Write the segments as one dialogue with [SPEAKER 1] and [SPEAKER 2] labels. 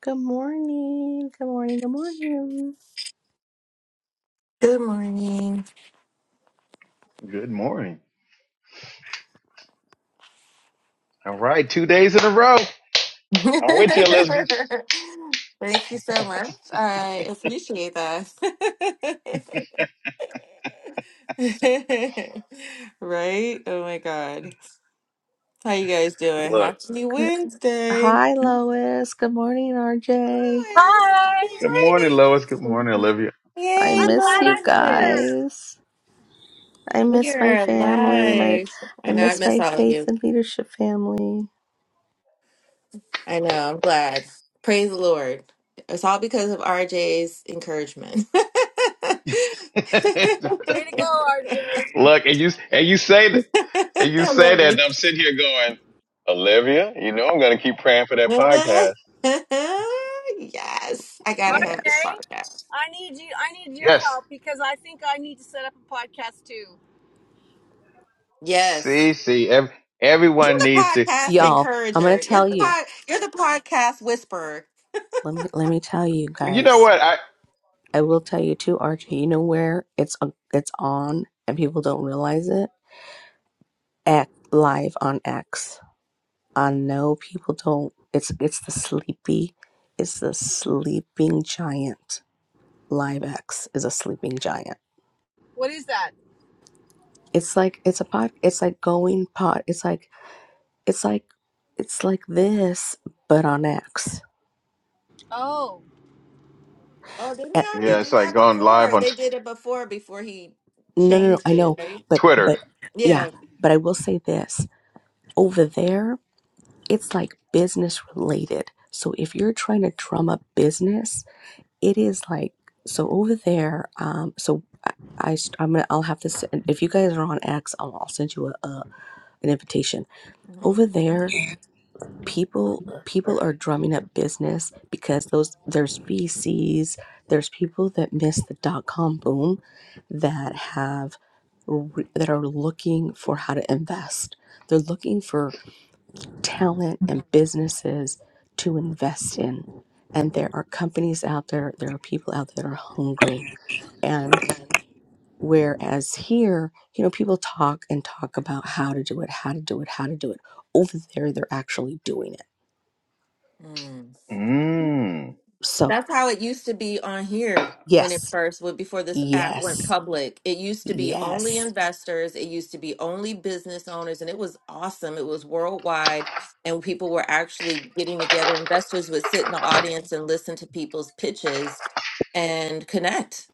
[SPEAKER 1] Good morning. Good morning. Good morning.
[SPEAKER 2] Good morning.
[SPEAKER 3] Good morning. All right, two days in a row.
[SPEAKER 2] Thank
[SPEAKER 3] I'm with you, Elizabeth.
[SPEAKER 2] you so much. I appreciate that. right? Oh my god. How you guys doing?
[SPEAKER 3] Look.
[SPEAKER 2] Happy
[SPEAKER 1] Good.
[SPEAKER 2] Wednesday.
[SPEAKER 1] Hi, Lois. Good morning, RJ.
[SPEAKER 2] Lois.
[SPEAKER 4] Hi!
[SPEAKER 2] Good
[SPEAKER 3] Good morning, Lois. Good morning,
[SPEAKER 2] morning.
[SPEAKER 3] Olivia.
[SPEAKER 1] I
[SPEAKER 2] Yay,
[SPEAKER 4] I'm
[SPEAKER 1] miss
[SPEAKER 4] glad
[SPEAKER 1] you
[SPEAKER 4] I'm
[SPEAKER 2] Lois.
[SPEAKER 4] here.
[SPEAKER 1] guys. I
[SPEAKER 2] We
[SPEAKER 1] miss
[SPEAKER 2] are
[SPEAKER 1] my family. My,
[SPEAKER 2] alive. I
[SPEAKER 1] I
[SPEAKER 2] know I
[SPEAKER 1] miss
[SPEAKER 2] miss
[SPEAKER 1] my
[SPEAKER 2] all of you.
[SPEAKER 1] faith and leadership family.
[SPEAKER 2] I know. I'm glad. Praise the Lord. It's all because of RJ's encouragement. I
[SPEAKER 4] Way to go, RJ.
[SPEAKER 3] Look, and you and you say that and you say
[SPEAKER 2] love
[SPEAKER 3] that, and
[SPEAKER 2] it.
[SPEAKER 3] I'm sitting here going, Olivia, you know I'm gonna keep praying for that podcast.
[SPEAKER 2] yes, I gotta have
[SPEAKER 4] RJ,
[SPEAKER 2] this
[SPEAKER 1] Yes,
[SPEAKER 2] podcast.
[SPEAKER 4] I need you. I need your
[SPEAKER 3] Yes.
[SPEAKER 4] help because I think I need to set up a podcast too.
[SPEAKER 2] Yes,
[SPEAKER 3] See, see, ev-
[SPEAKER 2] you're
[SPEAKER 3] everyone
[SPEAKER 2] the
[SPEAKER 3] needs to
[SPEAKER 2] podcast
[SPEAKER 1] y'all. I'm gonna
[SPEAKER 2] encourager. You're
[SPEAKER 1] tell
[SPEAKER 2] the
[SPEAKER 1] you.
[SPEAKER 2] pod. You're the podcast whisperer.
[SPEAKER 1] Let me let me tell you
[SPEAKER 3] well, you know
[SPEAKER 1] guys.
[SPEAKER 3] what? I
[SPEAKER 1] I will tell you too, RJ. You know where it's it's on, and people don't realize it. Act live on X. I know people don't it's it's the sleepy it's the sleeping giant. Live X is a sleeping giant.
[SPEAKER 4] What is that?
[SPEAKER 1] It's like it's a pod it's like going pod it's like it's like it's like this but on X.
[SPEAKER 4] Oh,
[SPEAKER 2] Oh, didn't they
[SPEAKER 1] Eh,
[SPEAKER 2] already
[SPEAKER 3] yeah, it's
[SPEAKER 2] do
[SPEAKER 3] like
[SPEAKER 2] that
[SPEAKER 3] going live
[SPEAKER 2] before?
[SPEAKER 3] on t-
[SPEAKER 2] They did it before. Before he
[SPEAKER 1] no no no
[SPEAKER 2] changed
[SPEAKER 1] I
[SPEAKER 2] it,
[SPEAKER 1] know
[SPEAKER 2] right?
[SPEAKER 1] but
[SPEAKER 3] Twitter.
[SPEAKER 1] but yeah
[SPEAKER 2] Yeah.
[SPEAKER 1] but I will say this over there it's like business related. So if you're trying to drum up business it is like so over there um so i, I am gonna i'll have to send if you guys are on x i'll, I'll send you a, a an invitation over there people people are drumming up business because those there's vcs there's people that missed the dot-com boom that have re- that are looking for how to invest they're looking for talent and businesses to invest in and there are companies out there there are people out there that are hungry and whereas here, you know, people talk and talk about how to do it, how to do it, how to do it. Over there, they're actually doing it.
[SPEAKER 2] hmm
[SPEAKER 3] Mm.
[SPEAKER 1] So,
[SPEAKER 2] That's how it used to be on here when it
[SPEAKER 1] yes,
[SPEAKER 2] first went before this app went
[SPEAKER 1] yes,
[SPEAKER 2] public. It used to be only
[SPEAKER 1] yes.
[SPEAKER 2] investors, it used to be only business owners, and it was awesome. It was worldwide, and people were actually getting together. Investors would sit in the audience and listen to people's pitches and connect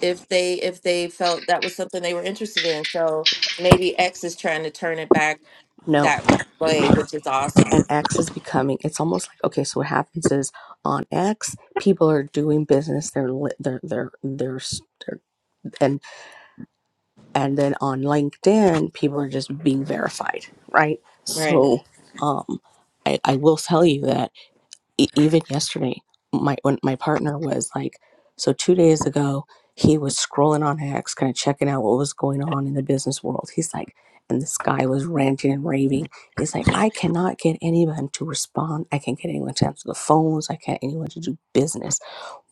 [SPEAKER 2] if they if they felt that was something they were interested in. So maybe X is trying to turn it back
[SPEAKER 1] No,
[SPEAKER 2] that way, which is
[SPEAKER 1] and
[SPEAKER 2] awesome.
[SPEAKER 1] X is becoming, it's almost like, okay, so what happens is on X, people are doing business. They're, li- they're, they're, they're, s- they're, and, and then on LinkedIn, people are just being verified, right?
[SPEAKER 2] Right.
[SPEAKER 1] So, um, I, I will tell you that e- even yesterday, my when my partner was like, so two days ago, he was scrolling on X, kind of checking out what was going on in the business world. He's like, and this guy was ranting and raving. He's like, I cannot get anyone to respond. I can't get anyone to answer the phones. I can't anyone to do business.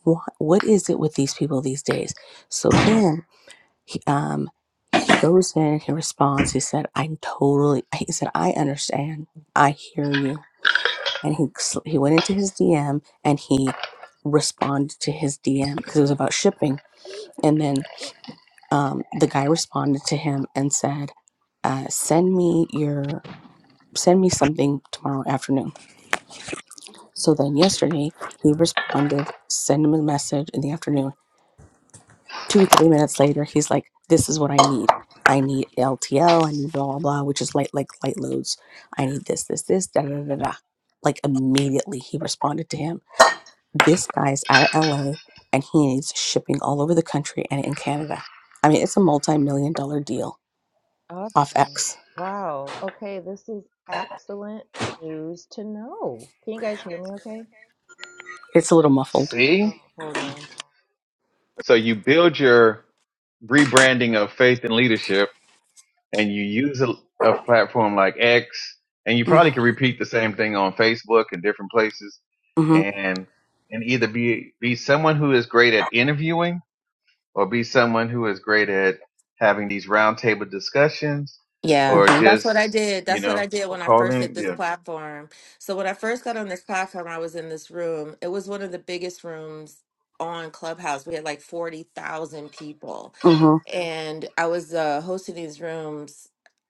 [SPEAKER 1] What what is it with these people these days? So then, he, um, he goes in and he responds. He said, I'm totally. He said, I understand. I hear you and he sl- he went into his DM and he responded to his DM because it was about shipping. And then um, the guy responded to him and said, uh, "Send me your send me something tomorrow afternoon." So then yesterday he responded, send him a message in the afternoon. Two three minutes later, he's like, "This is what I need." I need LTL, I need blah blah blah, which is light like light loads. I need this, this, this, da da da. da." Like immediately he responded to him This guy is out of LA and he needs shipping all over the country and in Canada. I mean, it's a multi million dollar deal off
[SPEAKER 2] Awesome.
[SPEAKER 1] X.
[SPEAKER 2] Wow. Okay, this is excellent news to know. Can you guys hear me okay?
[SPEAKER 1] It's a little muffled.
[SPEAKER 2] Oh,
[SPEAKER 3] See?
[SPEAKER 2] hold on.
[SPEAKER 3] So you build your rebranding of faith and leadership and you use a, a platform like X, and you
[SPEAKER 1] Mm-hmm.
[SPEAKER 3] probably could repeat the same thing on Facebook and different places,
[SPEAKER 1] Mm-hmm.
[SPEAKER 3] and and either be be someone who is great at interviewing, or be someone who is great at having these roundtable discussions,
[SPEAKER 2] Yeah,
[SPEAKER 3] or
[SPEAKER 1] Mm-hmm.
[SPEAKER 2] that's what I
[SPEAKER 3] just
[SPEAKER 2] did.
[SPEAKER 3] you
[SPEAKER 2] That's what
[SPEAKER 3] know,
[SPEAKER 2] I did
[SPEAKER 3] or
[SPEAKER 2] when I
[SPEAKER 3] call
[SPEAKER 2] first hit
[SPEAKER 3] in.
[SPEAKER 2] this
[SPEAKER 3] Yeah,
[SPEAKER 2] platform. So when I first got on this platform, I was in this room. It was one of the biggest rooms on Clubhouse. We had like 40,000 people.
[SPEAKER 1] Mm-hmm.
[SPEAKER 2] And I was uh, hosting these rooms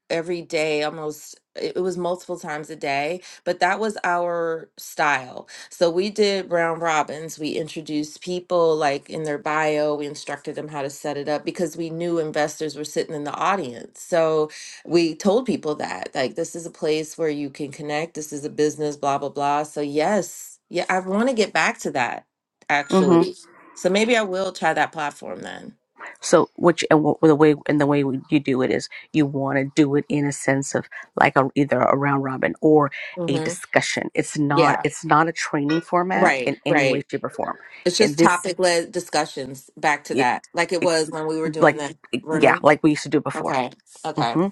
[SPEAKER 2] every day almost it it was multiple times a day but that was our style so we did round robins we introduced people like in their bio we instructed them how to set it up because we knew investors were sitting in the audience so we told people that like this is a place where you can connect this is a business blah blah blah so yes yeah i want to get back to that actually
[SPEAKER 1] Mm-hmm.
[SPEAKER 2] Mhm. so maybe i will try that platform then
[SPEAKER 1] So, which and what, the way and the way you do it is you want to do it in a sense of like a, either a round robin or a
[SPEAKER 2] hmm
[SPEAKER 1] discussion. It's not
[SPEAKER 2] yeah
[SPEAKER 1] it's not a training format
[SPEAKER 2] right
[SPEAKER 1] in any
[SPEAKER 2] right
[SPEAKER 1] way, shape, or form.
[SPEAKER 2] It's
[SPEAKER 1] And
[SPEAKER 2] just
[SPEAKER 1] this,
[SPEAKER 2] topic led discussions back to
[SPEAKER 1] it,
[SPEAKER 2] that, like it
[SPEAKER 1] it's
[SPEAKER 2] was when we were doing
[SPEAKER 1] like
[SPEAKER 2] the
[SPEAKER 1] yeah,
[SPEAKER 2] room.
[SPEAKER 1] like we used to do before.
[SPEAKER 2] Okay. Okay.
[SPEAKER 1] Mm-hmm.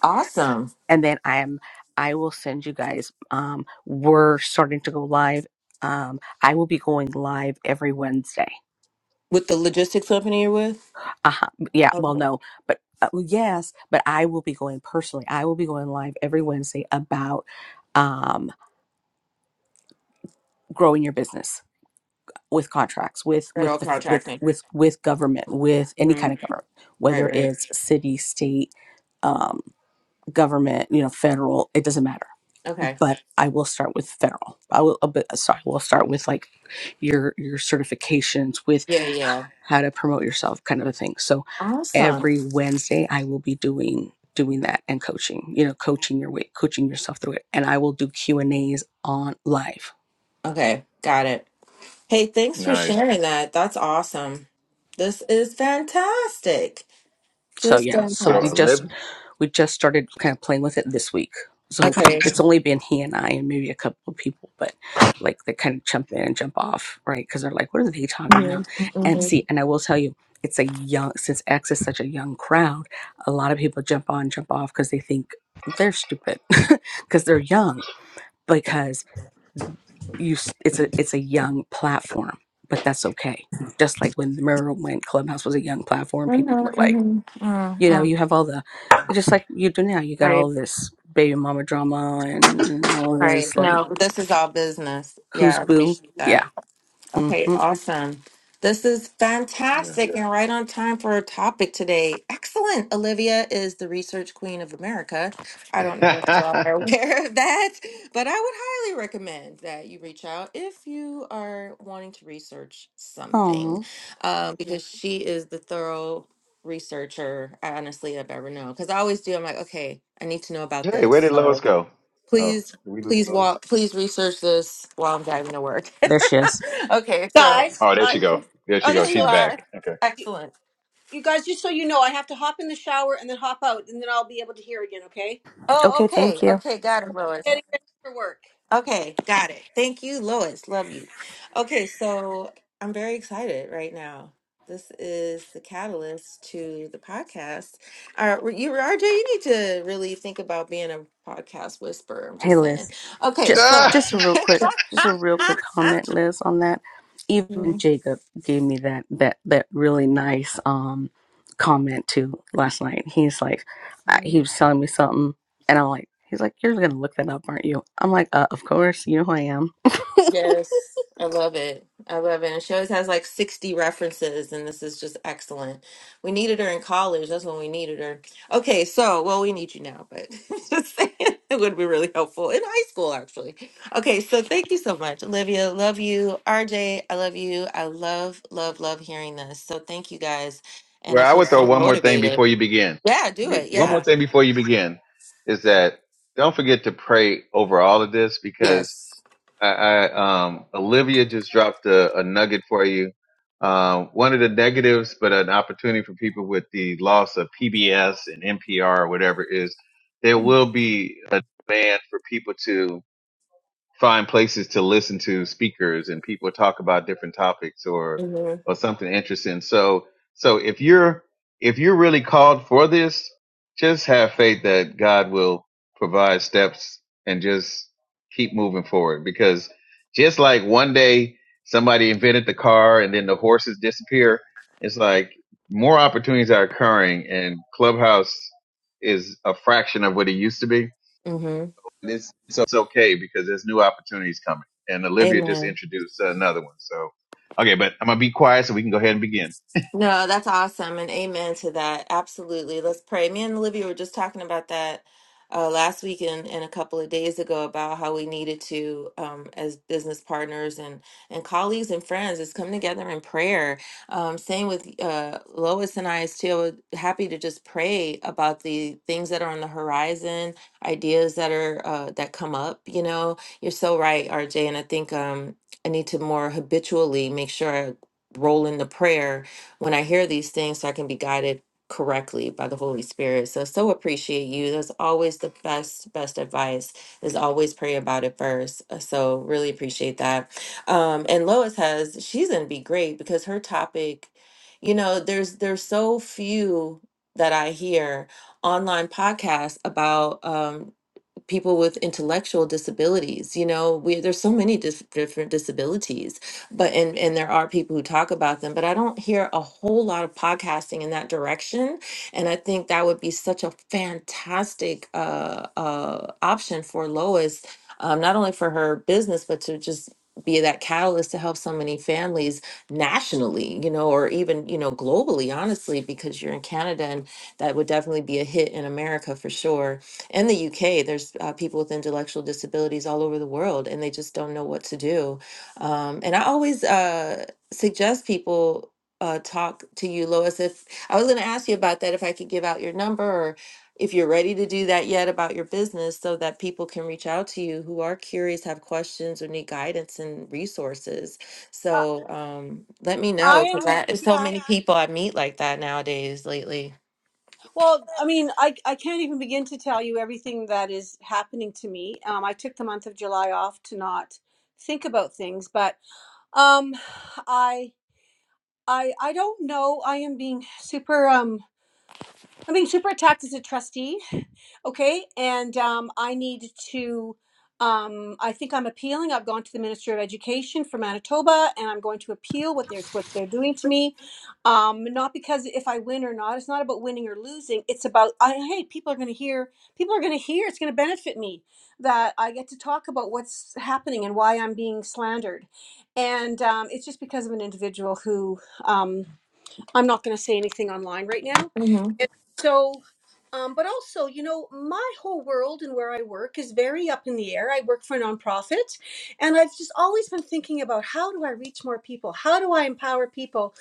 [SPEAKER 2] Awesome.
[SPEAKER 1] and then I am I will send you guys. Um, we're starting to go live. Um, I will be going live every Wednesday.
[SPEAKER 2] With the logistics company you're with?
[SPEAKER 1] Uh huh. Yeah. Well,
[SPEAKER 2] Okay.
[SPEAKER 1] no, but uh, well, yes, but I will be going personally. I will be going live every Wednesday about um, growing your business with contracts, with
[SPEAKER 2] Federal
[SPEAKER 1] with the with
[SPEAKER 2] contracting.
[SPEAKER 1] with with government, with any
[SPEAKER 2] hmm
[SPEAKER 1] kind of government,
[SPEAKER 2] Right,
[SPEAKER 1] whether
[SPEAKER 2] right.
[SPEAKER 1] it's city, state, um, government, you know, federal. It doesn't matter
[SPEAKER 2] Okay.
[SPEAKER 1] but I will start with federal. I will, uh, but, sorry, we'll start with like your your certifications with
[SPEAKER 2] Yeah, yeah.
[SPEAKER 1] how to promote yourself kind of a thing so
[SPEAKER 2] Awesome.
[SPEAKER 1] every wednesday i will be doing doing that and coaching you know coaching your way coaching yourself through it and i will do q and a's on live
[SPEAKER 2] Okay. Got it. Hey, thanks for
[SPEAKER 3] nice.
[SPEAKER 2] sharing that. That's awesome. This is fantastic.
[SPEAKER 1] So
[SPEAKER 2] Just
[SPEAKER 1] yeah, so
[SPEAKER 3] So
[SPEAKER 1] we
[SPEAKER 3] a
[SPEAKER 2] fantastic.
[SPEAKER 3] Olivia,
[SPEAKER 1] just we just started kind of playing with it this week. So
[SPEAKER 2] Okay.
[SPEAKER 1] it's only been he and I and maybe a couple of people, but like they kind of jump in and jump off, right? Because they're like, "What are they talking
[SPEAKER 2] Mm-hmm.
[SPEAKER 1] about?"
[SPEAKER 2] Mm-hmm.
[SPEAKER 1] And
[SPEAKER 2] Mm-hmm.
[SPEAKER 1] see, and I will tell you, it's a young since X is such a young crowd. A lot of people jump on, jump off because they think they're stupid because they're young. Because you, s- it's a it's a young platform, but that's okay. Just like when the Mirror went, Clubhouse was a young platform. People were
[SPEAKER 2] Mm-hmm.
[SPEAKER 1] like
[SPEAKER 2] Mm-hmm.
[SPEAKER 1] you know
[SPEAKER 2] Mm-hmm.
[SPEAKER 1] you have all the just like you do now you got
[SPEAKER 2] Right.
[SPEAKER 1] all this baby mama drama and, and all
[SPEAKER 2] Right.
[SPEAKER 1] this like
[SPEAKER 2] No, this is all business. Yeah,
[SPEAKER 1] who's
[SPEAKER 2] I
[SPEAKER 1] boo
[SPEAKER 2] appreciate
[SPEAKER 1] yeah
[SPEAKER 2] that. Okay,
[SPEAKER 1] mm-hmm
[SPEAKER 2] awesome. This is
[SPEAKER 3] yeah.
[SPEAKER 2] fantastic and right on time for our topic today. Excellent. Olivia is the research queen of America. I don't know if you all are aware of that, but I would highly recommend that you reach out if you are wanting to research something
[SPEAKER 1] oh
[SPEAKER 2] um, because she is the thorough researcher, I honestly, I've ever known. Because I always do, I'm like, okay, I need to know about
[SPEAKER 3] hey, where
[SPEAKER 2] this.
[SPEAKER 3] did Lois go? Oh,
[SPEAKER 2] Please,
[SPEAKER 3] did we lose
[SPEAKER 2] please
[SPEAKER 3] Lois?
[SPEAKER 2] walk. Please research this while I'm driving to work.
[SPEAKER 1] there she is
[SPEAKER 2] okay, so
[SPEAKER 4] guys,
[SPEAKER 3] Oh, there
[SPEAKER 4] uh,
[SPEAKER 3] she go. There she
[SPEAKER 2] oh,
[SPEAKER 3] go.
[SPEAKER 2] there
[SPEAKER 4] just
[SPEAKER 2] you
[SPEAKER 3] She's
[SPEAKER 4] so
[SPEAKER 2] are.
[SPEAKER 3] back.
[SPEAKER 4] you,
[SPEAKER 2] Excellent.
[SPEAKER 4] you guys, just so you know, I have to hop in the shower and then hop out, and then I'll be able to hear again. Okay?
[SPEAKER 2] Oh,
[SPEAKER 1] okay
[SPEAKER 2] okay,
[SPEAKER 1] thank you
[SPEAKER 2] okay, got it, Lois.
[SPEAKER 4] Getting ready for work.
[SPEAKER 2] Okay, got it. Thank you, Lois. Love you. Okay, so I'm very excited right now. This is the catalyst to the podcast. Uh, you, RJ, you need to really think about being a podcast whisperer. I'm
[SPEAKER 1] hey
[SPEAKER 2] just saying.
[SPEAKER 1] liz
[SPEAKER 2] Okay,
[SPEAKER 1] just
[SPEAKER 3] Okay.
[SPEAKER 2] so.
[SPEAKER 1] just a real quick just a real quick comment liz on that even jacob gave me that that that really nice um comment too last night he's like I- he was telling me something And I'm like, he's like, you're gonna look that up, aren't you? I'm like, uh, of course, you know who I am.
[SPEAKER 2] Yes, I love it. I love it. And she always has like 60 references, and this is just excellent. We needed her in college. That's when we needed her. Okay, so, well, we need you now, but just saying it would be really helpful in high school, actually. Okay, so thank you so much, Olivia. Love you. RJ, I love you. I love, love, love hearing this. So thank you guys. And I
[SPEAKER 3] Well, I
[SPEAKER 2] feel
[SPEAKER 3] would throw
[SPEAKER 2] so
[SPEAKER 3] one more thing
[SPEAKER 2] motivated.
[SPEAKER 3] before you begin.
[SPEAKER 2] Yeah, do
[SPEAKER 3] Be-
[SPEAKER 2] it.
[SPEAKER 3] One more
[SPEAKER 2] Yeah.
[SPEAKER 3] thing before you begin is that don't forget to pray over all of this because
[SPEAKER 2] Yes.
[SPEAKER 3] I, I um, Olivia just dropped a, a nugget for you. Um, one of the negatives, but an opportunity for people with the loss of PBS and NPR or whatever is there
[SPEAKER 2] Mm-hmm.
[SPEAKER 3] will be a demand for people to find places to listen to speakers and people talk about different topics or or something interesting. So so if you're if you're really called for this, just have faith that God will provide steps and just keep moving forward because just like one day somebody invented the car and then the horses disappear, it's like more opportunities are occurring and Clubhouse is a fraction of what it used to be
[SPEAKER 2] Mm-hmm.
[SPEAKER 3] it's, it's it's okay because there's new opportunities coming. And Olivia just
[SPEAKER 2] Amen.
[SPEAKER 3] introduced another one. So, okay, but I'm gonna be quiet so we can go ahead and begin.
[SPEAKER 2] No, that's awesome and amen to that. Absolutely. Let's pray. Me and Olivia were just talking about that uh, last week and, and a couple of days ago about how we needed to, um, as business partners and, and colleagues and friends, is come together in prayer. Um, same with uh, Lois and I, is too. Happy to just pray about the things that are on the horizon, ideas that are uh, that come up. You know, you're so right, RJ. And I think um, I need to more habitually make sure I roll in the prayer when I hear these things, so I can be guided correctly by the Holy Spirit. So, so appreciate you. That's always the best, best advice is always pray about it first. Uh, So, really appreciate that. Um, and Lois has, she's going to be great because her topic, you know, there's, there's so few that I hear online podcasts about, um, people with intellectual disabilities you know we there's so many dis- different disabilities but and and there are people who talk about them but i don't hear a whole lot of podcasting in that direction and i think that would be such a fantastic uh uh option for lois um, not only for her business but to just be that catalyst to help so many families nationally you know or even you know globally honestly because you're in canada and that would definitely be a hit in america for sure in the UK, there's uh, people with intellectual disabilities all over the world, and they just don't know what to do. Um, and I always uh, suggest people uh, talk to you, Lois. If I was going to ask you about that, if I could give out your number, or if you're ready to do that yet about your business, so that people can reach out to you who are curious, have questions, or need guidance and resources.
[SPEAKER 4] Uh,
[SPEAKER 2] So um, let me
[SPEAKER 4] I
[SPEAKER 2] know because
[SPEAKER 4] am.
[SPEAKER 2] I so
[SPEAKER 4] Yeah.
[SPEAKER 2] many people I meet like that nowadays lately.
[SPEAKER 4] Well, I mean, I, I can't even begin to tell you everything that is happening to me. Um, I took the month of July off to not think about things, but um, I I I don't know. I am being super. um. I'm being super attacked as a trustee, okay? And um, I need to, um, I think I'm appealing. I've gone to the Ministry of Education for Manitoba, and I'm going to appeal what they're what they're doing to me. Um, not because if I win or not, it's not about winning or losing. It's about I, hey, people are going to hear. People are going to hear. It's going to benefit me that I get to talk about what's happening and why I'm being slandered. And um, it's just because of an individual who. um, I'm not going to say anything online right now. And so, um, but also, you know, my whole world and where I work is very up in the air. I work for a nonprofit, and I've just always been thinking about how do I reach more people? How do I empower people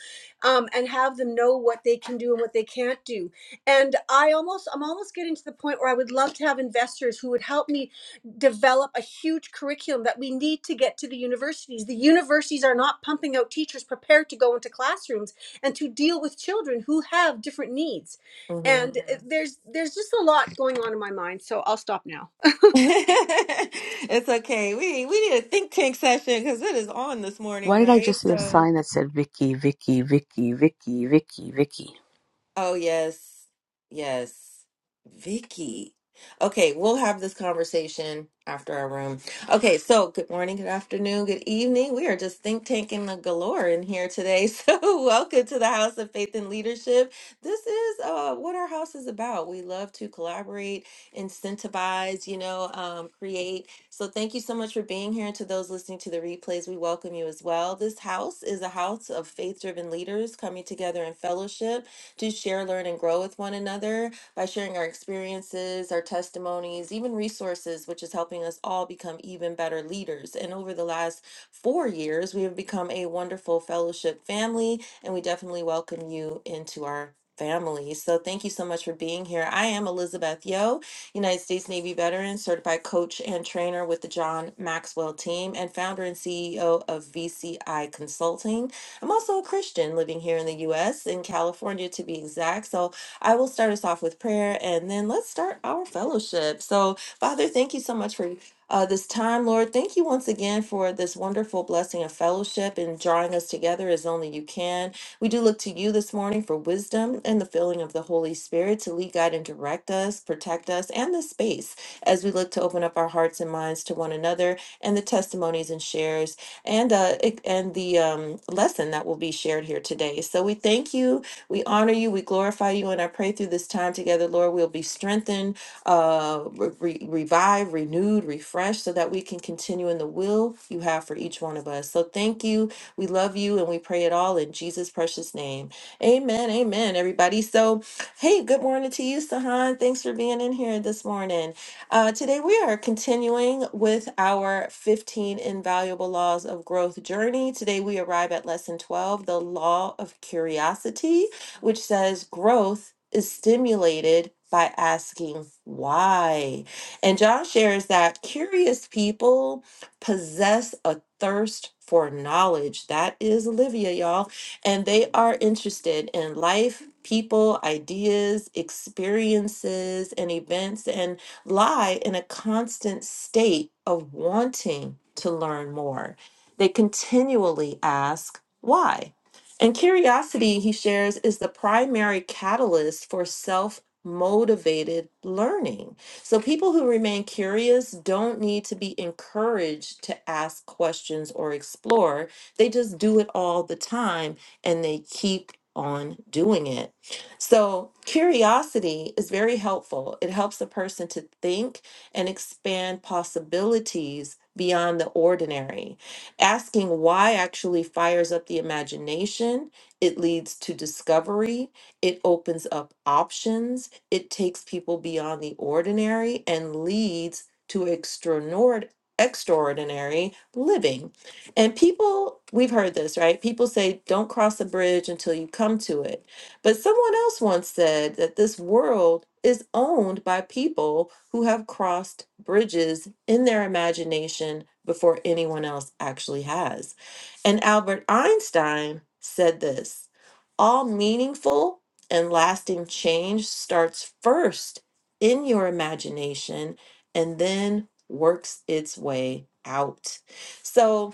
[SPEAKER 4] um, and have them know what they can do and what they can't do? And I almost, I'm almost getting to the point where I would love to have investors who would help me develop a huge curriculum that we need to get to the universities. The universities are not pumping out teachers prepared to go into classrooms and to deal with children who have different needs.
[SPEAKER 2] Mm-hmm.
[SPEAKER 4] And uh, there's there's just a lot going on in my mind, so I'll stop now.
[SPEAKER 2] it's okay. We we need a think tank session because it is on this morning,
[SPEAKER 1] Why did I
[SPEAKER 2] right?
[SPEAKER 1] just see a
[SPEAKER 2] So
[SPEAKER 1] sign that said Vicky, Vicky, Vicky, Vicky, Vicky, Vicky?
[SPEAKER 2] Oh, yes. Yes. Vicky. Okay, we'll have this conversation after our room. Okay, so good morning, good afternoon, good evening. We are just think tanking the galore in here today. So, welcome to the House of Faith and Leadership. This is uh, what our house is about. We love to collaborate, incentivize, you know, um, create. So, thank you so much for being here. And to those listening to the replays, we welcome you as well. This house is a house of faith driven leaders coming together in fellowship to share, learn, and grow with one another by sharing our experiences, our testimonies, even resources, which is helping us all become even better leaders. And over the last four years, we have become a wonderful fellowship family, and we definitely welcome you into our family. So thank you so much for being here. I am Elizabeth Yo, United States Navy veteran, certified coach and trainer with the John Maxwell team, and founder and CEO of VCI Consulting. I'm also a Christian living here in the US, in California to be exact. So I will start us off with prayer and then let's start our fellowship. So, Father, thank you so much for. Uh, this time, Lord, thank you once again for this wonderful blessing of fellowship and drawing us together as only you can. We do look to you this morning for wisdom and the filling of the Holy Spirit to lead, guide, and direct us, protect us, and this space as we look to open up our hearts and minds to one another and the testimonies and shares and uh, it- and the um, lesson that will be shared here today. So we thank you, we honor you, we glorify you, and I pray through this time together, Lord, we'll be strengthened, uh, re- re- revived, renewed, refreshed, so that we can continue in the will you have for each one of us. So thank you, we love you, and we pray it all in Jesus' precious name. Amen. Amen. Everybody. So, hey, good morning to you, Sahan. Thanks for being in here this morning. Uh, today, we are continuing with our 15 Invaluable Laws of Growth journey. Today, we arrive at lesson 12, the Law of Curiosity, which says growth is stimulated by asking why. And John shares that curious people possess a thirst for knowledge. That is Olivia, y'all. And they are interested in life, people, ideas, experiences, and events. And lie in a constant state of wanting to learn more. They continually ask, why? And curiosity, he shares, is the primary catalyst for self motivated learning. So people who remain curious don't need to be encouraged to ask questions or explore. They just do it all the time and they keep on doing it. So, curiosity is very helpful. It helps a person to think and expand possibilities beyond the ordinary. Asking why actually fires up the imagination. It leads to discovery. It opens up options. It takes people beyond the ordinary and leads to extraordinary extraordinary living. And people, we've heard this, right? People say don't cross a bridge until you come to it but someone else once said that this world is owned by people who have crossed bridges in their imagination before anyone else actually has. And Albert Einstein said this all meaningful and lasting change starts first in your imagination and then works its way out. So,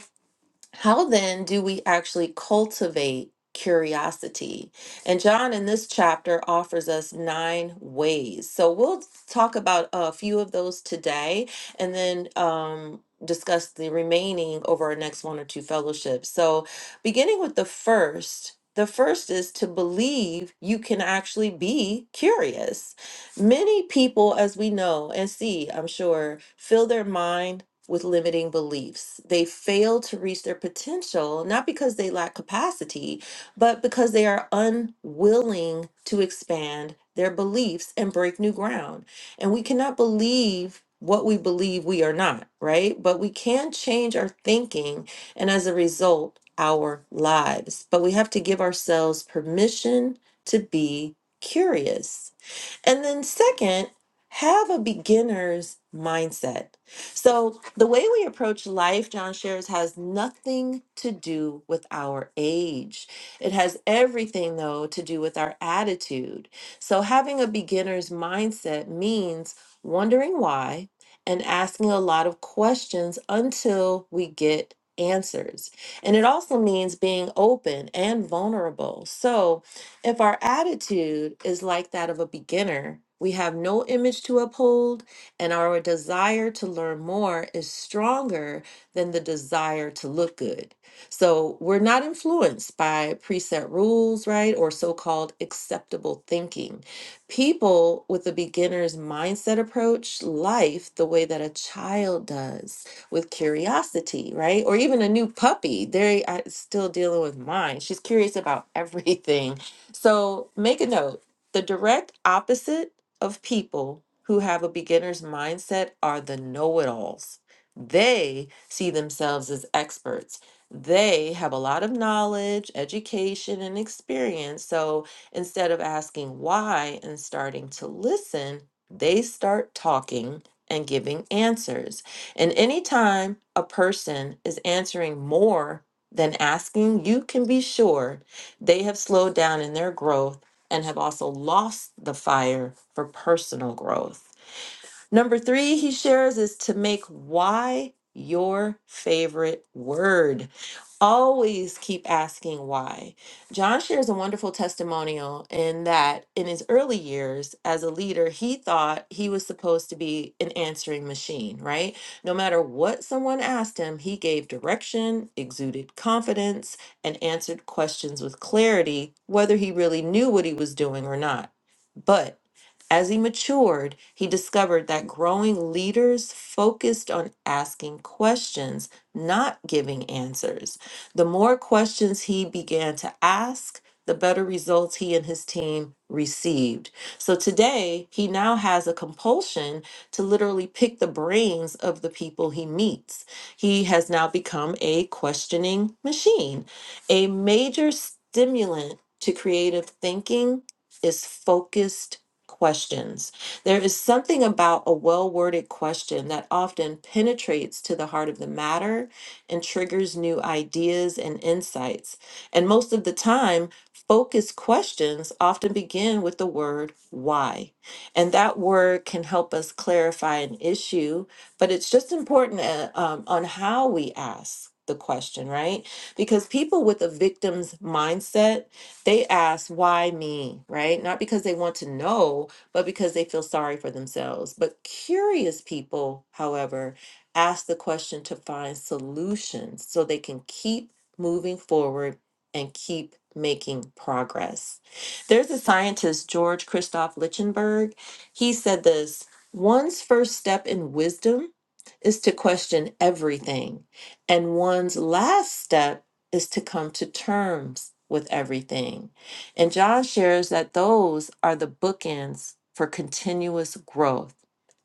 [SPEAKER 2] how then do we actually cultivate curiosity? And John in this chapter offers us nine ways. So we'll talk about a few of those today and then um, discuss the remaining over our next one or two fellowships. So, beginning with the first, the first is to believe you can actually be curious. Many people, as we know and see, I'm sure, fill their mind with limiting beliefs. They fail to reach their potential, not because they lack capacity, but because they are unwilling to expand their beliefs and break new ground. And we cannot believe what we believe we are not, right? But we can change our thinking and as a result, our lives. But we have to give ourselves permission to be curious. And then, second, have a beginner's mindset. So, the way we approach life, John shares, has nothing to do with our age. It has everything, though, to do with our attitude. So, having a beginner's mindset means wondering why and asking a lot of questions until we get answers. And it also means being open and vulnerable. So, if our attitude is like that of a beginner, we have no image to uphold, and our desire to learn more is stronger than the desire to look good. So we're not influenced by preset rules, right, or so called acceptable thinking. People with a beginner's mindset approach life the way that a child does with curiosity, right? Or even a new puppy. They are still dealing with mine. She's curious about everything so make a note. The direct opposite of people who have a beginner's mindset are the know it alls. They see themselves as experts. They have a lot of knowledge, education, and experience. So instead of asking why and starting to listen, they start talking and giving answers. And anytime a person is answering more than asking, you can be sure they have slowed down in their growth and have also lost the fire for personal growth. Number three, he shares is to make why your favorite word. Always keep asking why. John shares a wonderful testimonial in that in his early years as a leader, he thought he was supposed to be an answering machine, right? No matter what someone asked him, he gave direction, exuded confidence, and answered questions with clarity, whether he really knew what he was doing or not. But as he matured, he discovered that growing leaders focused on asking questions, not giving answers. The more questions he began to ask, the better results he and his team received. So today, he now has a compulsion to literally pick the brains of the people he meets. He has now become a questioning machine. A major stimulant to creative thinking is focused questions. There is something about a well worded question that often penetrates to the heart of the matter and triggers new ideas and insights. And most of the time, focused questions often begin with the word why. And that word can help us clarify an issue, but it's just important uh, um, on how we ask the question, right? Because people with a victim's mindset, they ask, why me, right? Not because they want to know, but because they feel sorry for themselves. But curious people, however, ask the question to find solutions so they can keep moving forward and keep making progress. There's a scientist, George Christoph Lichtenberg. He said this one's first step in wisdom is to question everything, and one's last step is to come to terms with everything. And John shares that those are the bookends for continuous growth.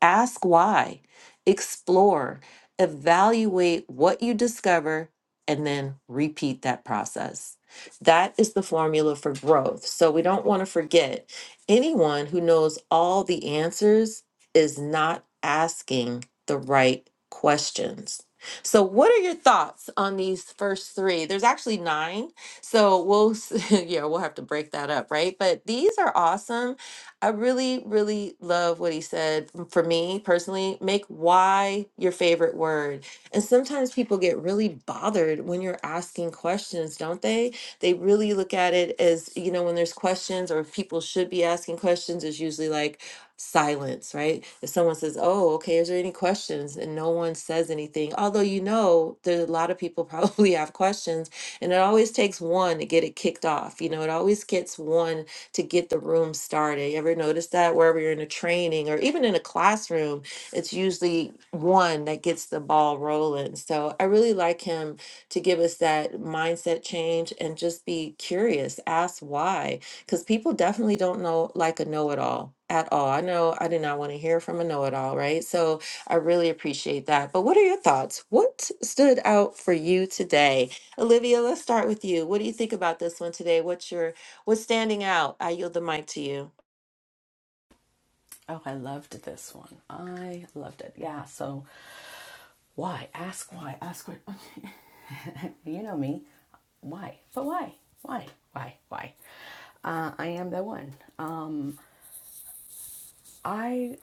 [SPEAKER 2] Ask why, explore, evaluate what you discover, and then repeat that process. That is the formula for growth. So we don't want to forget anyone who knows all the answers is not asking the right questions. So, what are your thoughts on these first three? There's actually nine, so we'll s- yeah we'll have to break that up, right? But these are awesome I really, really love what he said. m- For me personally, make why your favorite word. And sometimes people get really bothered when you're asking questions, don't they? They really look at it as, you know, when there's questions or if people should be asking questions, is usually like silence, right? If someone says, Oh, okay, is there any questions? And no one says anything, although you know there's a lot of people probably have questions. And it always takes one to get it kicked off. You know, it always gets one to get the room started. You ever notice that wherever you're in a training or even in a classroom, it's usually one that gets the ball rolling. So I really like him to give us that mindset change and just be curious, ask why, because people definitely don't know like a know it all at all. I know I did not want to hear from a know it all, right? So I really appreciate that. But what are your thoughts? What stood out for you today? Olivia, let's start with you. What do you think about this one today? What's your What's standing out? I yield the mic to you.
[SPEAKER 1] Oh, I loved this one. I loved it. Yeah. So Why? Ask why. Ask what. you know me. Why? But why? Why? Why? Why? Uh, I am the one. Um, I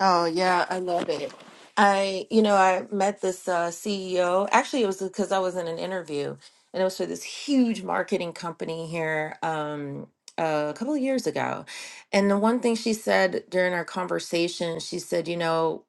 [SPEAKER 2] Oh yeah, I love it. I, you know, I met this uh, CEO. Actually, it was because I was in an interview, and it was for this huge marketing company here um, a couple of years ago. And the one thing she said during our conversation, she said, you know,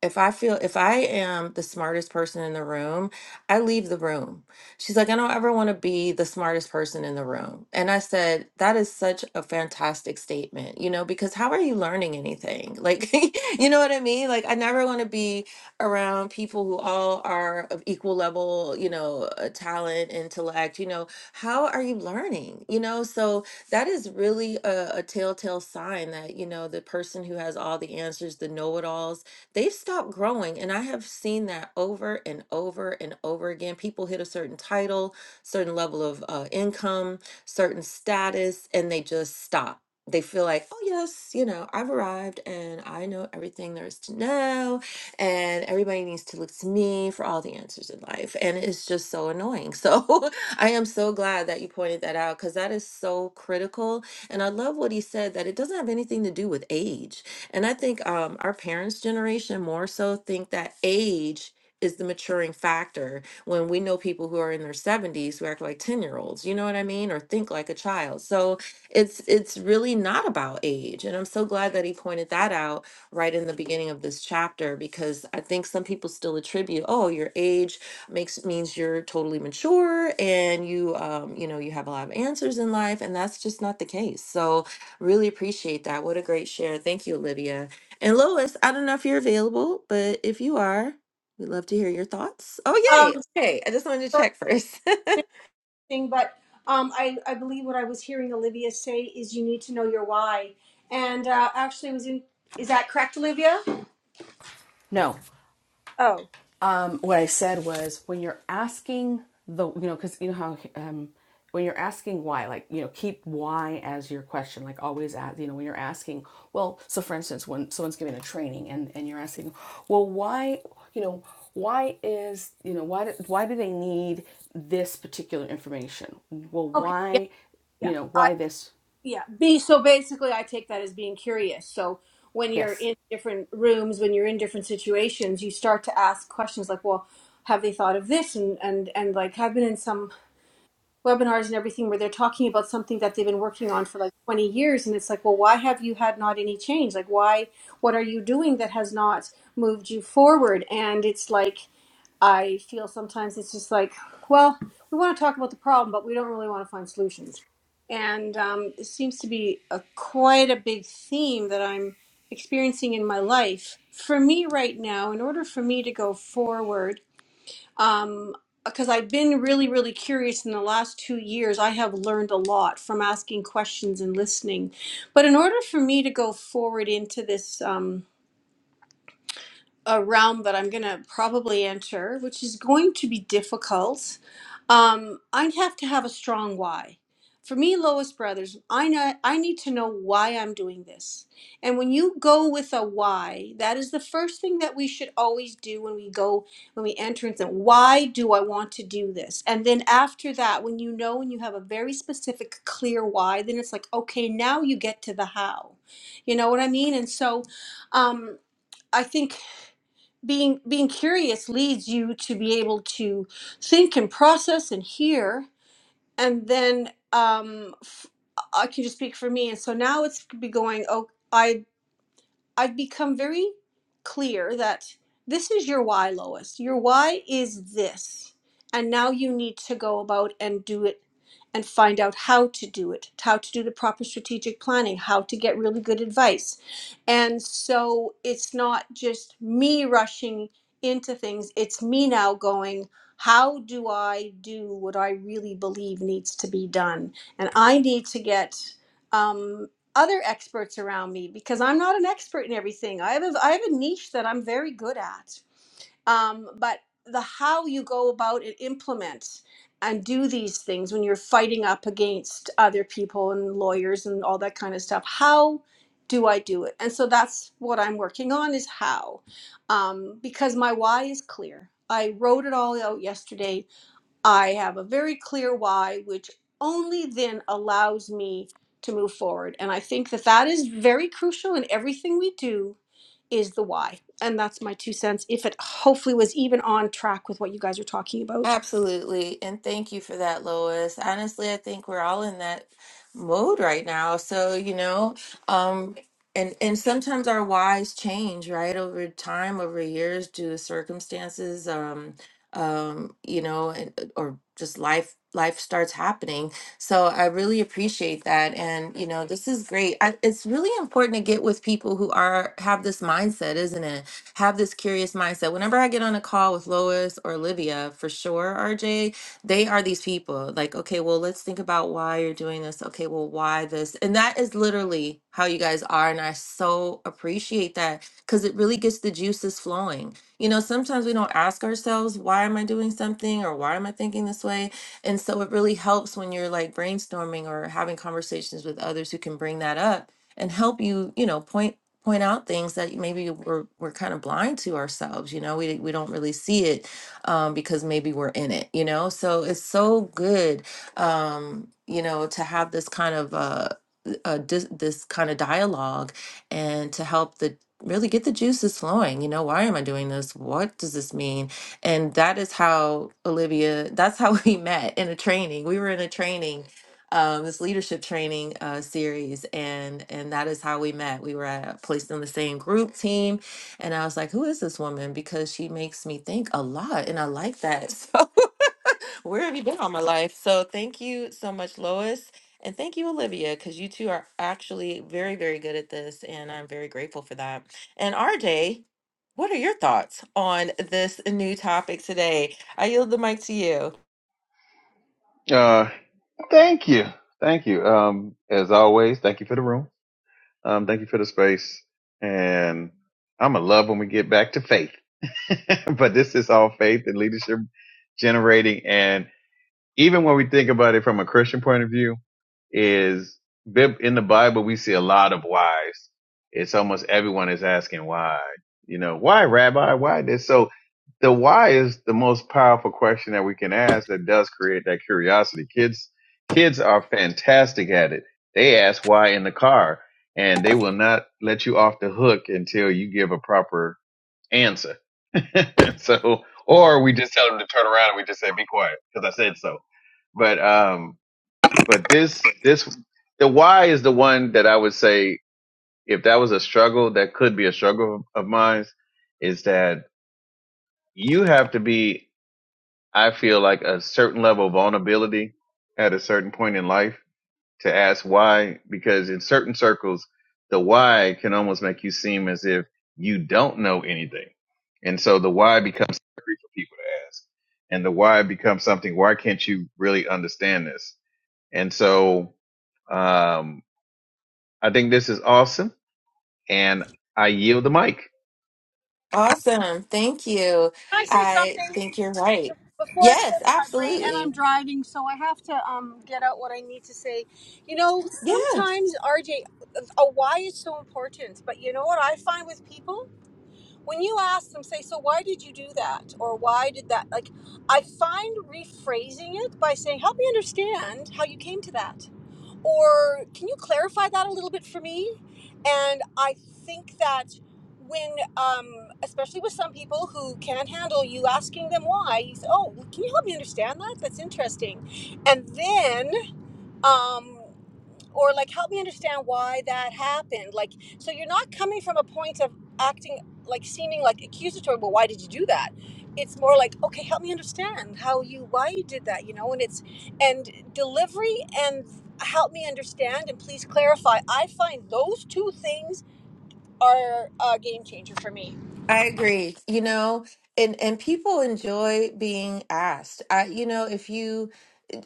[SPEAKER 2] if I feel if I am the smartest person in the room, I leave the room. She's like, I don't ever want to be the smartest person in the room. And I said, that is such a fantastic statement, you know, because how are you learning anything? Like, you know what I mean? Like, I never want to be around people who all are of equal level, you know, uh, talent, intellect, you know, how are you learning? You know, so that is really a, a telltale sign that, you know, the person who has all the answers, the know it alls, they've stopped growing. And I have seen that over and over and over again. People hit a certain title, certain level of uh, income, certain status, and they just stop. They feel like, oh, yes, you know, I've arrived and I know everything there is to know, and everybody needs to look to me for all the answers in life. And it's just so annoying. So I am so glad that you pointed that out because that is so critical. And I love what he said that it doesn't have anything to do with age and I think um, our parents' generation more so think that age is the maturing factor when we know people who are in their 70s who act like 10 year olds you know what i mean or think like a child so it's it's really not about age and i'm so glad that he pointed that out right in the beginning of this chapter because i think some people still attribute oh your age makes means you're totally mature and you um, you know you have a lot of answers in life and that's just not the case so Really appreciate that. What a great share. Thank you, Olivia. And Lois, I don't know if you're available, but if you are, we'd love to hear your thoughts. Oh, yay.
[SPEAKER 4] Um,
[SPEAKER 2] Okay. I just wanted to check first.
[SPEAKER 4] but um, I, I believe what I was hearing Olivia say is you need to know your why. And uh, actually, it was in is that correct, Olivia? Oh, Okay. yeah, Yeah. I, yeah. Be so basically, I take that as being curious. So when you're in different rooms, when you're in different situations, you start to ask questions like, "Well, have they thought of this?" And and and like, "Have been in some." webinars and everything where they're talking about something that they've been working on for like 20 years and it's like well why have you had not any change like why what are you doing that has not moved you forward and it's like i feel sometimes it's just like well we want to talk about the problem but we don't really want to find solutions and um, it seems to be a quite a big theme that i'm experiencing in my life for me right now in order for me to go forward um, because I've been really, really curious in the last two years. I have learned a lot from asking questions and listening. But in order for me to go forward into this, um, a realm that I'm going to probably enter, which is going to be difficult. Um, I have to have a strong why. For me, Lois Brothers, I know I need to know why I'm doing this. And when you go with a why, that is the first thing that we should always do when we go when we enter into why do I want to do this? And then after that, when you know and you have a very specific, clear why, then it's like okay, now you get to the how. You know what I mean? And so, um, I think being being curious leads you to be able to think and process and hear and then um f- i can just speak for me and so now it's be going oh I. I've become very clear that this is your why, Lois. Your why is this. And now you need to go about and do it and find out how to do it, how to do the proper strategic planning, how to get really good advice. And so it's not just me rushing into things, it's me now going, how do I do what I really believe needs to be done? And I need to get. Um, other experts around me because I'm not an expert in everything. I have a, I have a niche that I'm very good at. Um, but the how you go about and implement and do these things when you're fighting up against other people and lawyers and all that kind of stuff, how do I do it? And so that's what I'm working on is how, um, because my why is clear. I wrote it all out yesterday I have a very clear why, which only then allows me to move forward. And I think that that is very crucial in everything we do is the why. And that's my two cents. If it hopefully was even on track with what you guys are talking about.
[SPEAKER 2] Absolutely. And thank you for that, Lois. Honestly, I think we're all in that mode right now. So, you know, um, and and sometimes our whys change, right? Over time, over years, due to circumstances, um, um, you know, and, uh, or just life life starts happening. So I really appreciate that. And, you know, this is great. I, it's really important to get with people who are have this mindset, isn't it? have this curious mindset. Whenever I get on a call with Lois or Olivia, for sure, RJ, they are these people. Like, okay, well, let's think about why you're doing this. Okay, well, why this? And that is literally how you guys are. And I so appreciate that because it really gets the juices flowing. You know, sometimes we don't ask ourselves, why am I doing something or why am I thinking this way? And so it really helps when you're like brainstorming or having conversations with others who can bring that up and help you, you know, point point out things that maybe we're we're kind of blind to ourselves you know we we don't really see it um because maybe we're in it you know so it's so good um you know to have this kind of uh uh dis- this kind of dialogue and to help the really get the juices flowing you know why am i doing this what does this mean and that is how olivia that's how we met in a training we were in a training um, this leadership training uh, series, and and that is how we met. We were at, placed in the same group team, and I was like, "Who is this woman?" Because she makes me think a lot, and I like that. So, where have you been all my life? So, thank you so much, Lois, and thank you, Olivia, because you two are actually very, very good at this, and I'm very grateful for that. And RJ, what are your thoughts on this new topic today? I yield the mic to you.
[SPEAKER 3] Uh, thank you, thank you. Um, as always, thank you for the room. Um, thank you for the space. And I'm gonna love when we get back to faith. but this is all faith and leadership generating. and. even when we think about it from a Christian point of view, is Bib- in the Bible we see a lot of whys. It's almost everyone is asking why. You know, why, Rabbi? Why this? So the why is the most powerful question that we can ask that does create that curiosity. Kids, kids are fantastic at it. They ask why in the car and they will not let you off the hook until you give a proper answer so, or we just tell them to turn around and we just say, be quiet because I said so. But, um, but this, this, the why is the one that I would say, if that was a struggle, that could be a struggle of mine is that you have to be, I feel like a certain level of vulnerability at a certain point in life to ask why, because in certain circles, the why can almost make you seem as if you don't know anything. And so the why becomes scary for people to ask. And the why becomes something, why can't you really understand this? And so um, I think this is awesome. And I yield the mic.
[SPEAKER 2] Awesome. Thank you.
[SPEAKER 4] Can I say
[SPEAKER 2] I
[SPEAKER 4] something
[SPEAKER 2] think you're right.
[SPEAKER 4] before it
[SPEAKER 2] Yes,
[SPEAKER 4] slips my brain? And I'm
[SPEAKER 2] absolutely.
[SPEAKER 4] driving, so I have to um, get out what I need to say. You know,
[SPEAKER 2] Yeah.
[SPEAKER 4] sometimes RJ, a why is so important. But you know what I find with people? when you ask them, say, so why did you do that? Or why did that? Like, I find rephrasing it by saying, help me understand how you came to that. Or can you clarify that a little bit for me? And I think that when, um, especially with some people who can't handle you asking them why, you say, oh, well, can you help me understand that? That's interesting. And then, um, or like help me understand why that happened like so you're not coming from a point of acting like seeming like accusatory but why did you do that it's more like okay help me understand how you why you did that you know and it's and delivery and help me understand and please clarify i find those two things are a game changer for me
[SPEAKER 2] I agree. You know, and and people enjoy being asked. I, you know, if you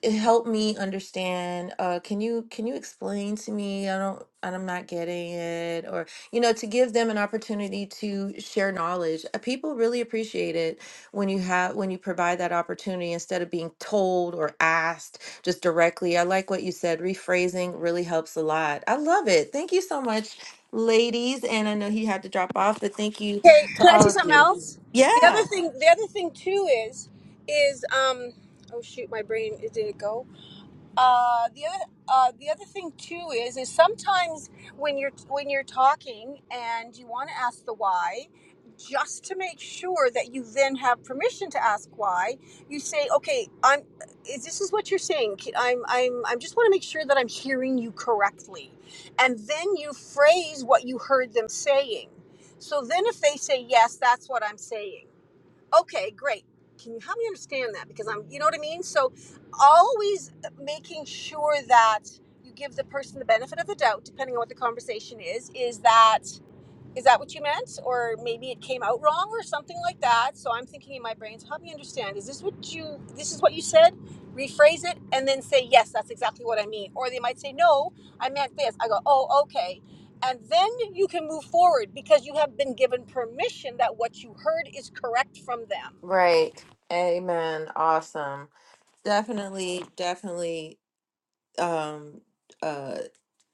[SPEAKER 2] eh, help me understand, uh, can you can you explain to me? I don't, I'm not getting it, or you know, to give them an opportunity to share knowledge. Uh, People really appreciate it when you have when you provide that opportunity instead of being told or asked just directly. I like what you said. Rephrasing really helps a lot. I love it. Thank you so much ladies and i know he had to drop off but thank you
[SPEAKER 4] okay
[SPEAKER 2] to
[SPEAKER 4] can i
[SPEAKER 2] all
[SPEAKER 4] see
[SPEAKER 2] of
[SPEAKER 4] something
[SPEAKER 2] you.
[SPEAKER 4] else the other
[SPEAKER 2] Yeah.
[SPEAKER 4] thing the other thing too is is um oh shoot my brain did it go uh, the other uh, the other thing too is is sometimes when you're when you're talking and you want to ask the why just to make sure that you then have permission to ask why you say okay i'm is this is what you're saying i am i'm i'm i just want to make sure that i'm hearing you correctly and then you phrase what you heard them saying so then if they say yes that's what i'm saying okay great can you help me understand that because i'm you know what i mean so always making sure that you give the person the benefit of the doubt depending on what the conversation is is that is that what you meant? Or maybe it came out wrong or something like that. So I'm thinking in my brain, so help me understand. Is this what you this is what you said? Rephrase it and then say, Yes, that's exactly what I mean. Or they might say, No, I meant this. I go, Oh, okay. And then you can move forward because you have been given permission that what you heard is correct from them.
[SPEAKER 2] Right. Amen. Awesome. Definitely, definitely um uh.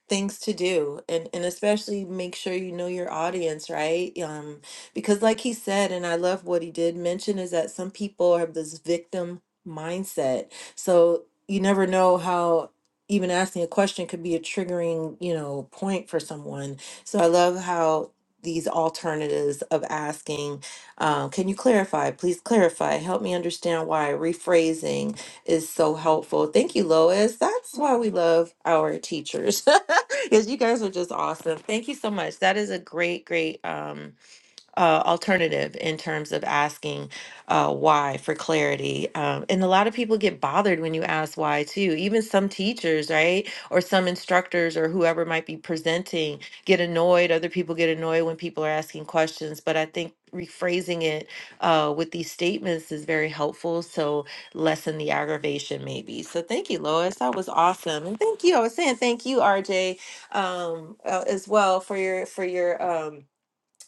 [SPEAKER 2] things to do and and especially make sure you know your audience right um because like he said and i love what he did mention is that some people have this victim mindset so you never know how even asking a question could be a triggering you know point for someone so i love how these alternatives of asking um, can you clarify please clarify help me understand why rephrasing is so helpful. Thank you, Lois. That's why we love our teachers. Because you guys are just awesome. Thank you so much. That is a great, great um uh, alternative in terms of asking uh, why for clarity. Um, and a lot of people get bothered when you ask why, too. Even some teachers, right? Or some instructors or whoever might be presenting get annoyed. Other people get annoyed when people are asking questions. But I think rephrasing it uh, with these statements is very helpful. So lessen the aggravation, maybe. So thank you, Lois. That was awesome. And thank you. I was saying thank you, RJ, um, uh, as well for your, for your, um,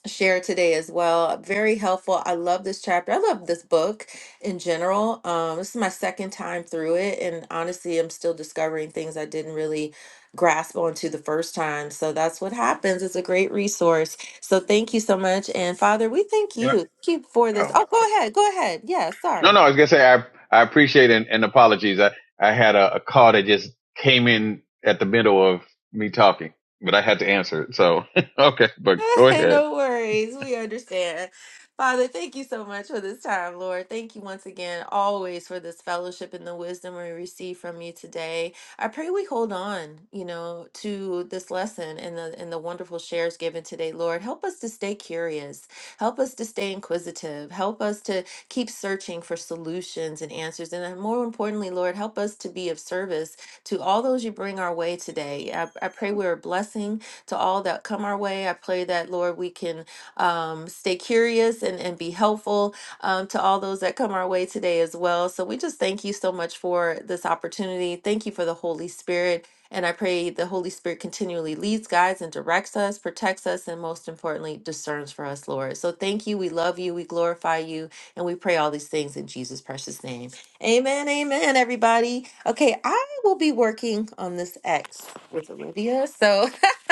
[SPEAKER 2] share today as well. Very helpful. I love this chapter. I love this book in general. Um, this is my second time through it, and honestly, I'm still discovering things I didn't really grasp onto the first time. So that's what happens. It's a great resource. So thank you so much. And Father, we thank
[SPEAKER 3] Yeah.
[SPEAKER 2] you. Thank you for this.
[SPEAKER 3] Oh.
[SPEAKER 2] Oh, go ahead. Go ahead. Yeah,
[SPEAKER 3] No,
[SPEAKER 2] sorry.
[SPEAKER 3] no, I was gonna say I I appreciate and, and apologies. I I had a, a call that just came in at the middle of me talking, but I had to answer it. So okay, but go ahead.
[SPEAKER 2] no worries. We understand. Father, thank you so much for this time, Lord. Thank you once again, always, for this fellowship and the wisdom we receive from you today. I pray we hold on, you know, to this lesson and the and the wonderful shares given today, Lord. Help us to stay curious. Help us to stay inquisitive. Help us to keep searching for solutions and answers. And then more importantly, Lord, help us to be of service to all those you bring our way today. I, I pray we're a blessing to all that come our way. I pray that, Lord, we can um, stay curious and, and be helpful um, to all those that come our way today as well. So we just thank you so much for this opportunity. Thank you for the Holy Spirit. And I pray the Holy Spirit continually leads, guides, and directs us, protects us, and most importantly, discerns for us, Lord. So thank you. We love you. We glorify you. And we pray all these things in Jesus' precious name. Amen. Amen, everybody. Okay, I We'll be working on this X with Olivia. So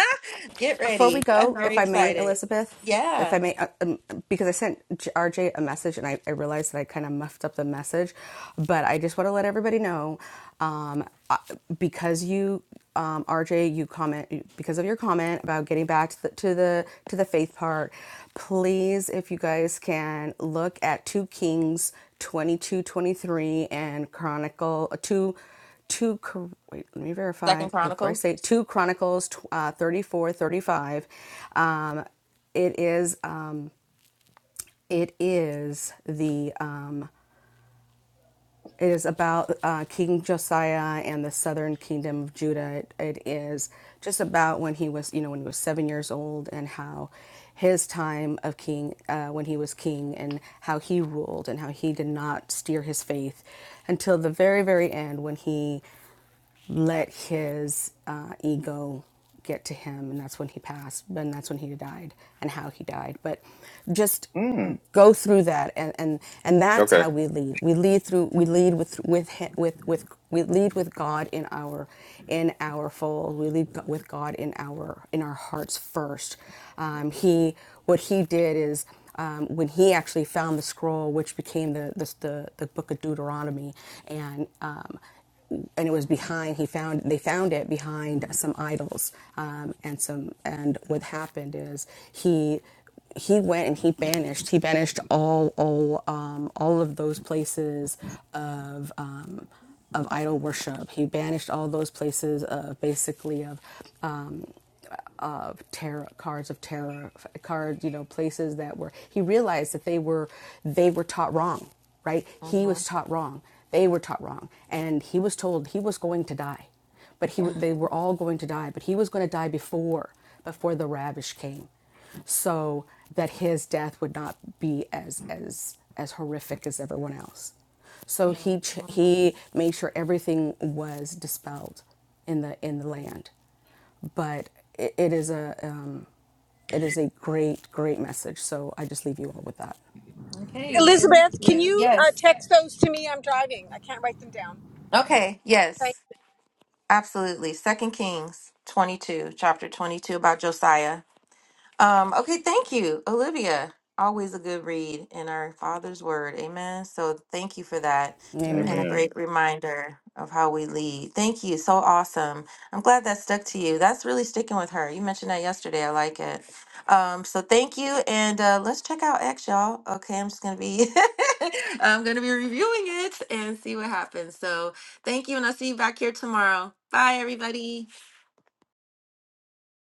[SPEAKER 2] get
[SPEAKER 1] Before we
[SPEAKER 2] ready. I'm
[SPEAKER 1] go,
[SPEAKER 2] very
[SPEAKER 1] if I may,
[SPEAKER 2] excited.
[SPEAKER 1] Elizabeth, if
[SPEAKER 2] Yeah.
[SPEAKER 1] I may, uh, um, because I sent R J- RJ a message and I, I realized that I kind of muffed up the message, but I just want to let everybody know um, uh, because you, um, RJ, you comment because of your comment about getting back to the, to the to the faith part. Please, if you guys can look at Two Kings twenty two twenty three and Chronicle uh, two. 2 wait let me
[SPEAKER 2] Second
[SPEAKER 1] verify before i
[SPEAKER 2] Chronicles.
[SPEAKER 1] say 2 chronicles uh, 34, 35. um, it is um, it is the um, it is about uh, king josiah and the southern kingdom of judah it it is just about when he was you know when he was seven years old and how his time of king uh, when he was king and how he ruled and how he did not steer his faith until the very very end when he let his uh, ego get to him, and that's when he passed, and that's when he died, and how he died. But just
[SPEAKER 3] Mm,
[SPEAKER 1] go through that, and and, and that's
[SPEAKER 3] okay.
[SPEAKER 1] how we lead. We lead through. We lead with with with with we lead with God in our in our fold. We lead with God in our in our hearts first. Um,
[SPEAKER 2] Mhm,
[SPEAKER 1] he what he did is um, when he actually found the scroll, which became the the, the, the book of Deuteronomy, and um, and it was behind. He found they found it behind some idols, um, and some. And what happened is he he went and he banished. He banished all all um, all of those places of. Um, of idol worship, he banished all those places of basically of um, of terror cards of terror cards you know places that were he realized that they were they were taught wrong right he was
[SPEAKER 2] mhm,
[SPEAKER 1] taught wrong they were taught wrong and he was told he was going to die
[SPEAKER 2] mhm. mhm. Okay. Thank
[SPEAKER 4] Elizabeth, can
[SPEAKER 2] you.
[SPEAKER 4] you uh,
[SPEAKER 2] Yes.
[SPEAKER 4] text those to me? I'm driving. I can't write them down.
[SPEAKER 2] Okay.
[SPEAKER 4] Thank
[SPEAKER 2] Yes. Absolutely. Second Kings 22, chapter 22 about Josiah. Um, okay, thank you, Olivia. Always a good read in our Father's Word. Amen. So thank you for that and a
[SPEAKER 1] amen
[SPEAKER 3] Amen.
[SPEAKER 2] great reminder of how we lead. Thank you. So awesome. I'm glad that stuck to you. That's really sticking with her. You mentioned that yesterday. I like it. Um, so thank you. And uh, let's check out X, y'all. Okay, I'm just going to be. I'm going to be reviewing it and see what happens. So, thank you, and I'll see you back here tomorrow. Bye, everybody.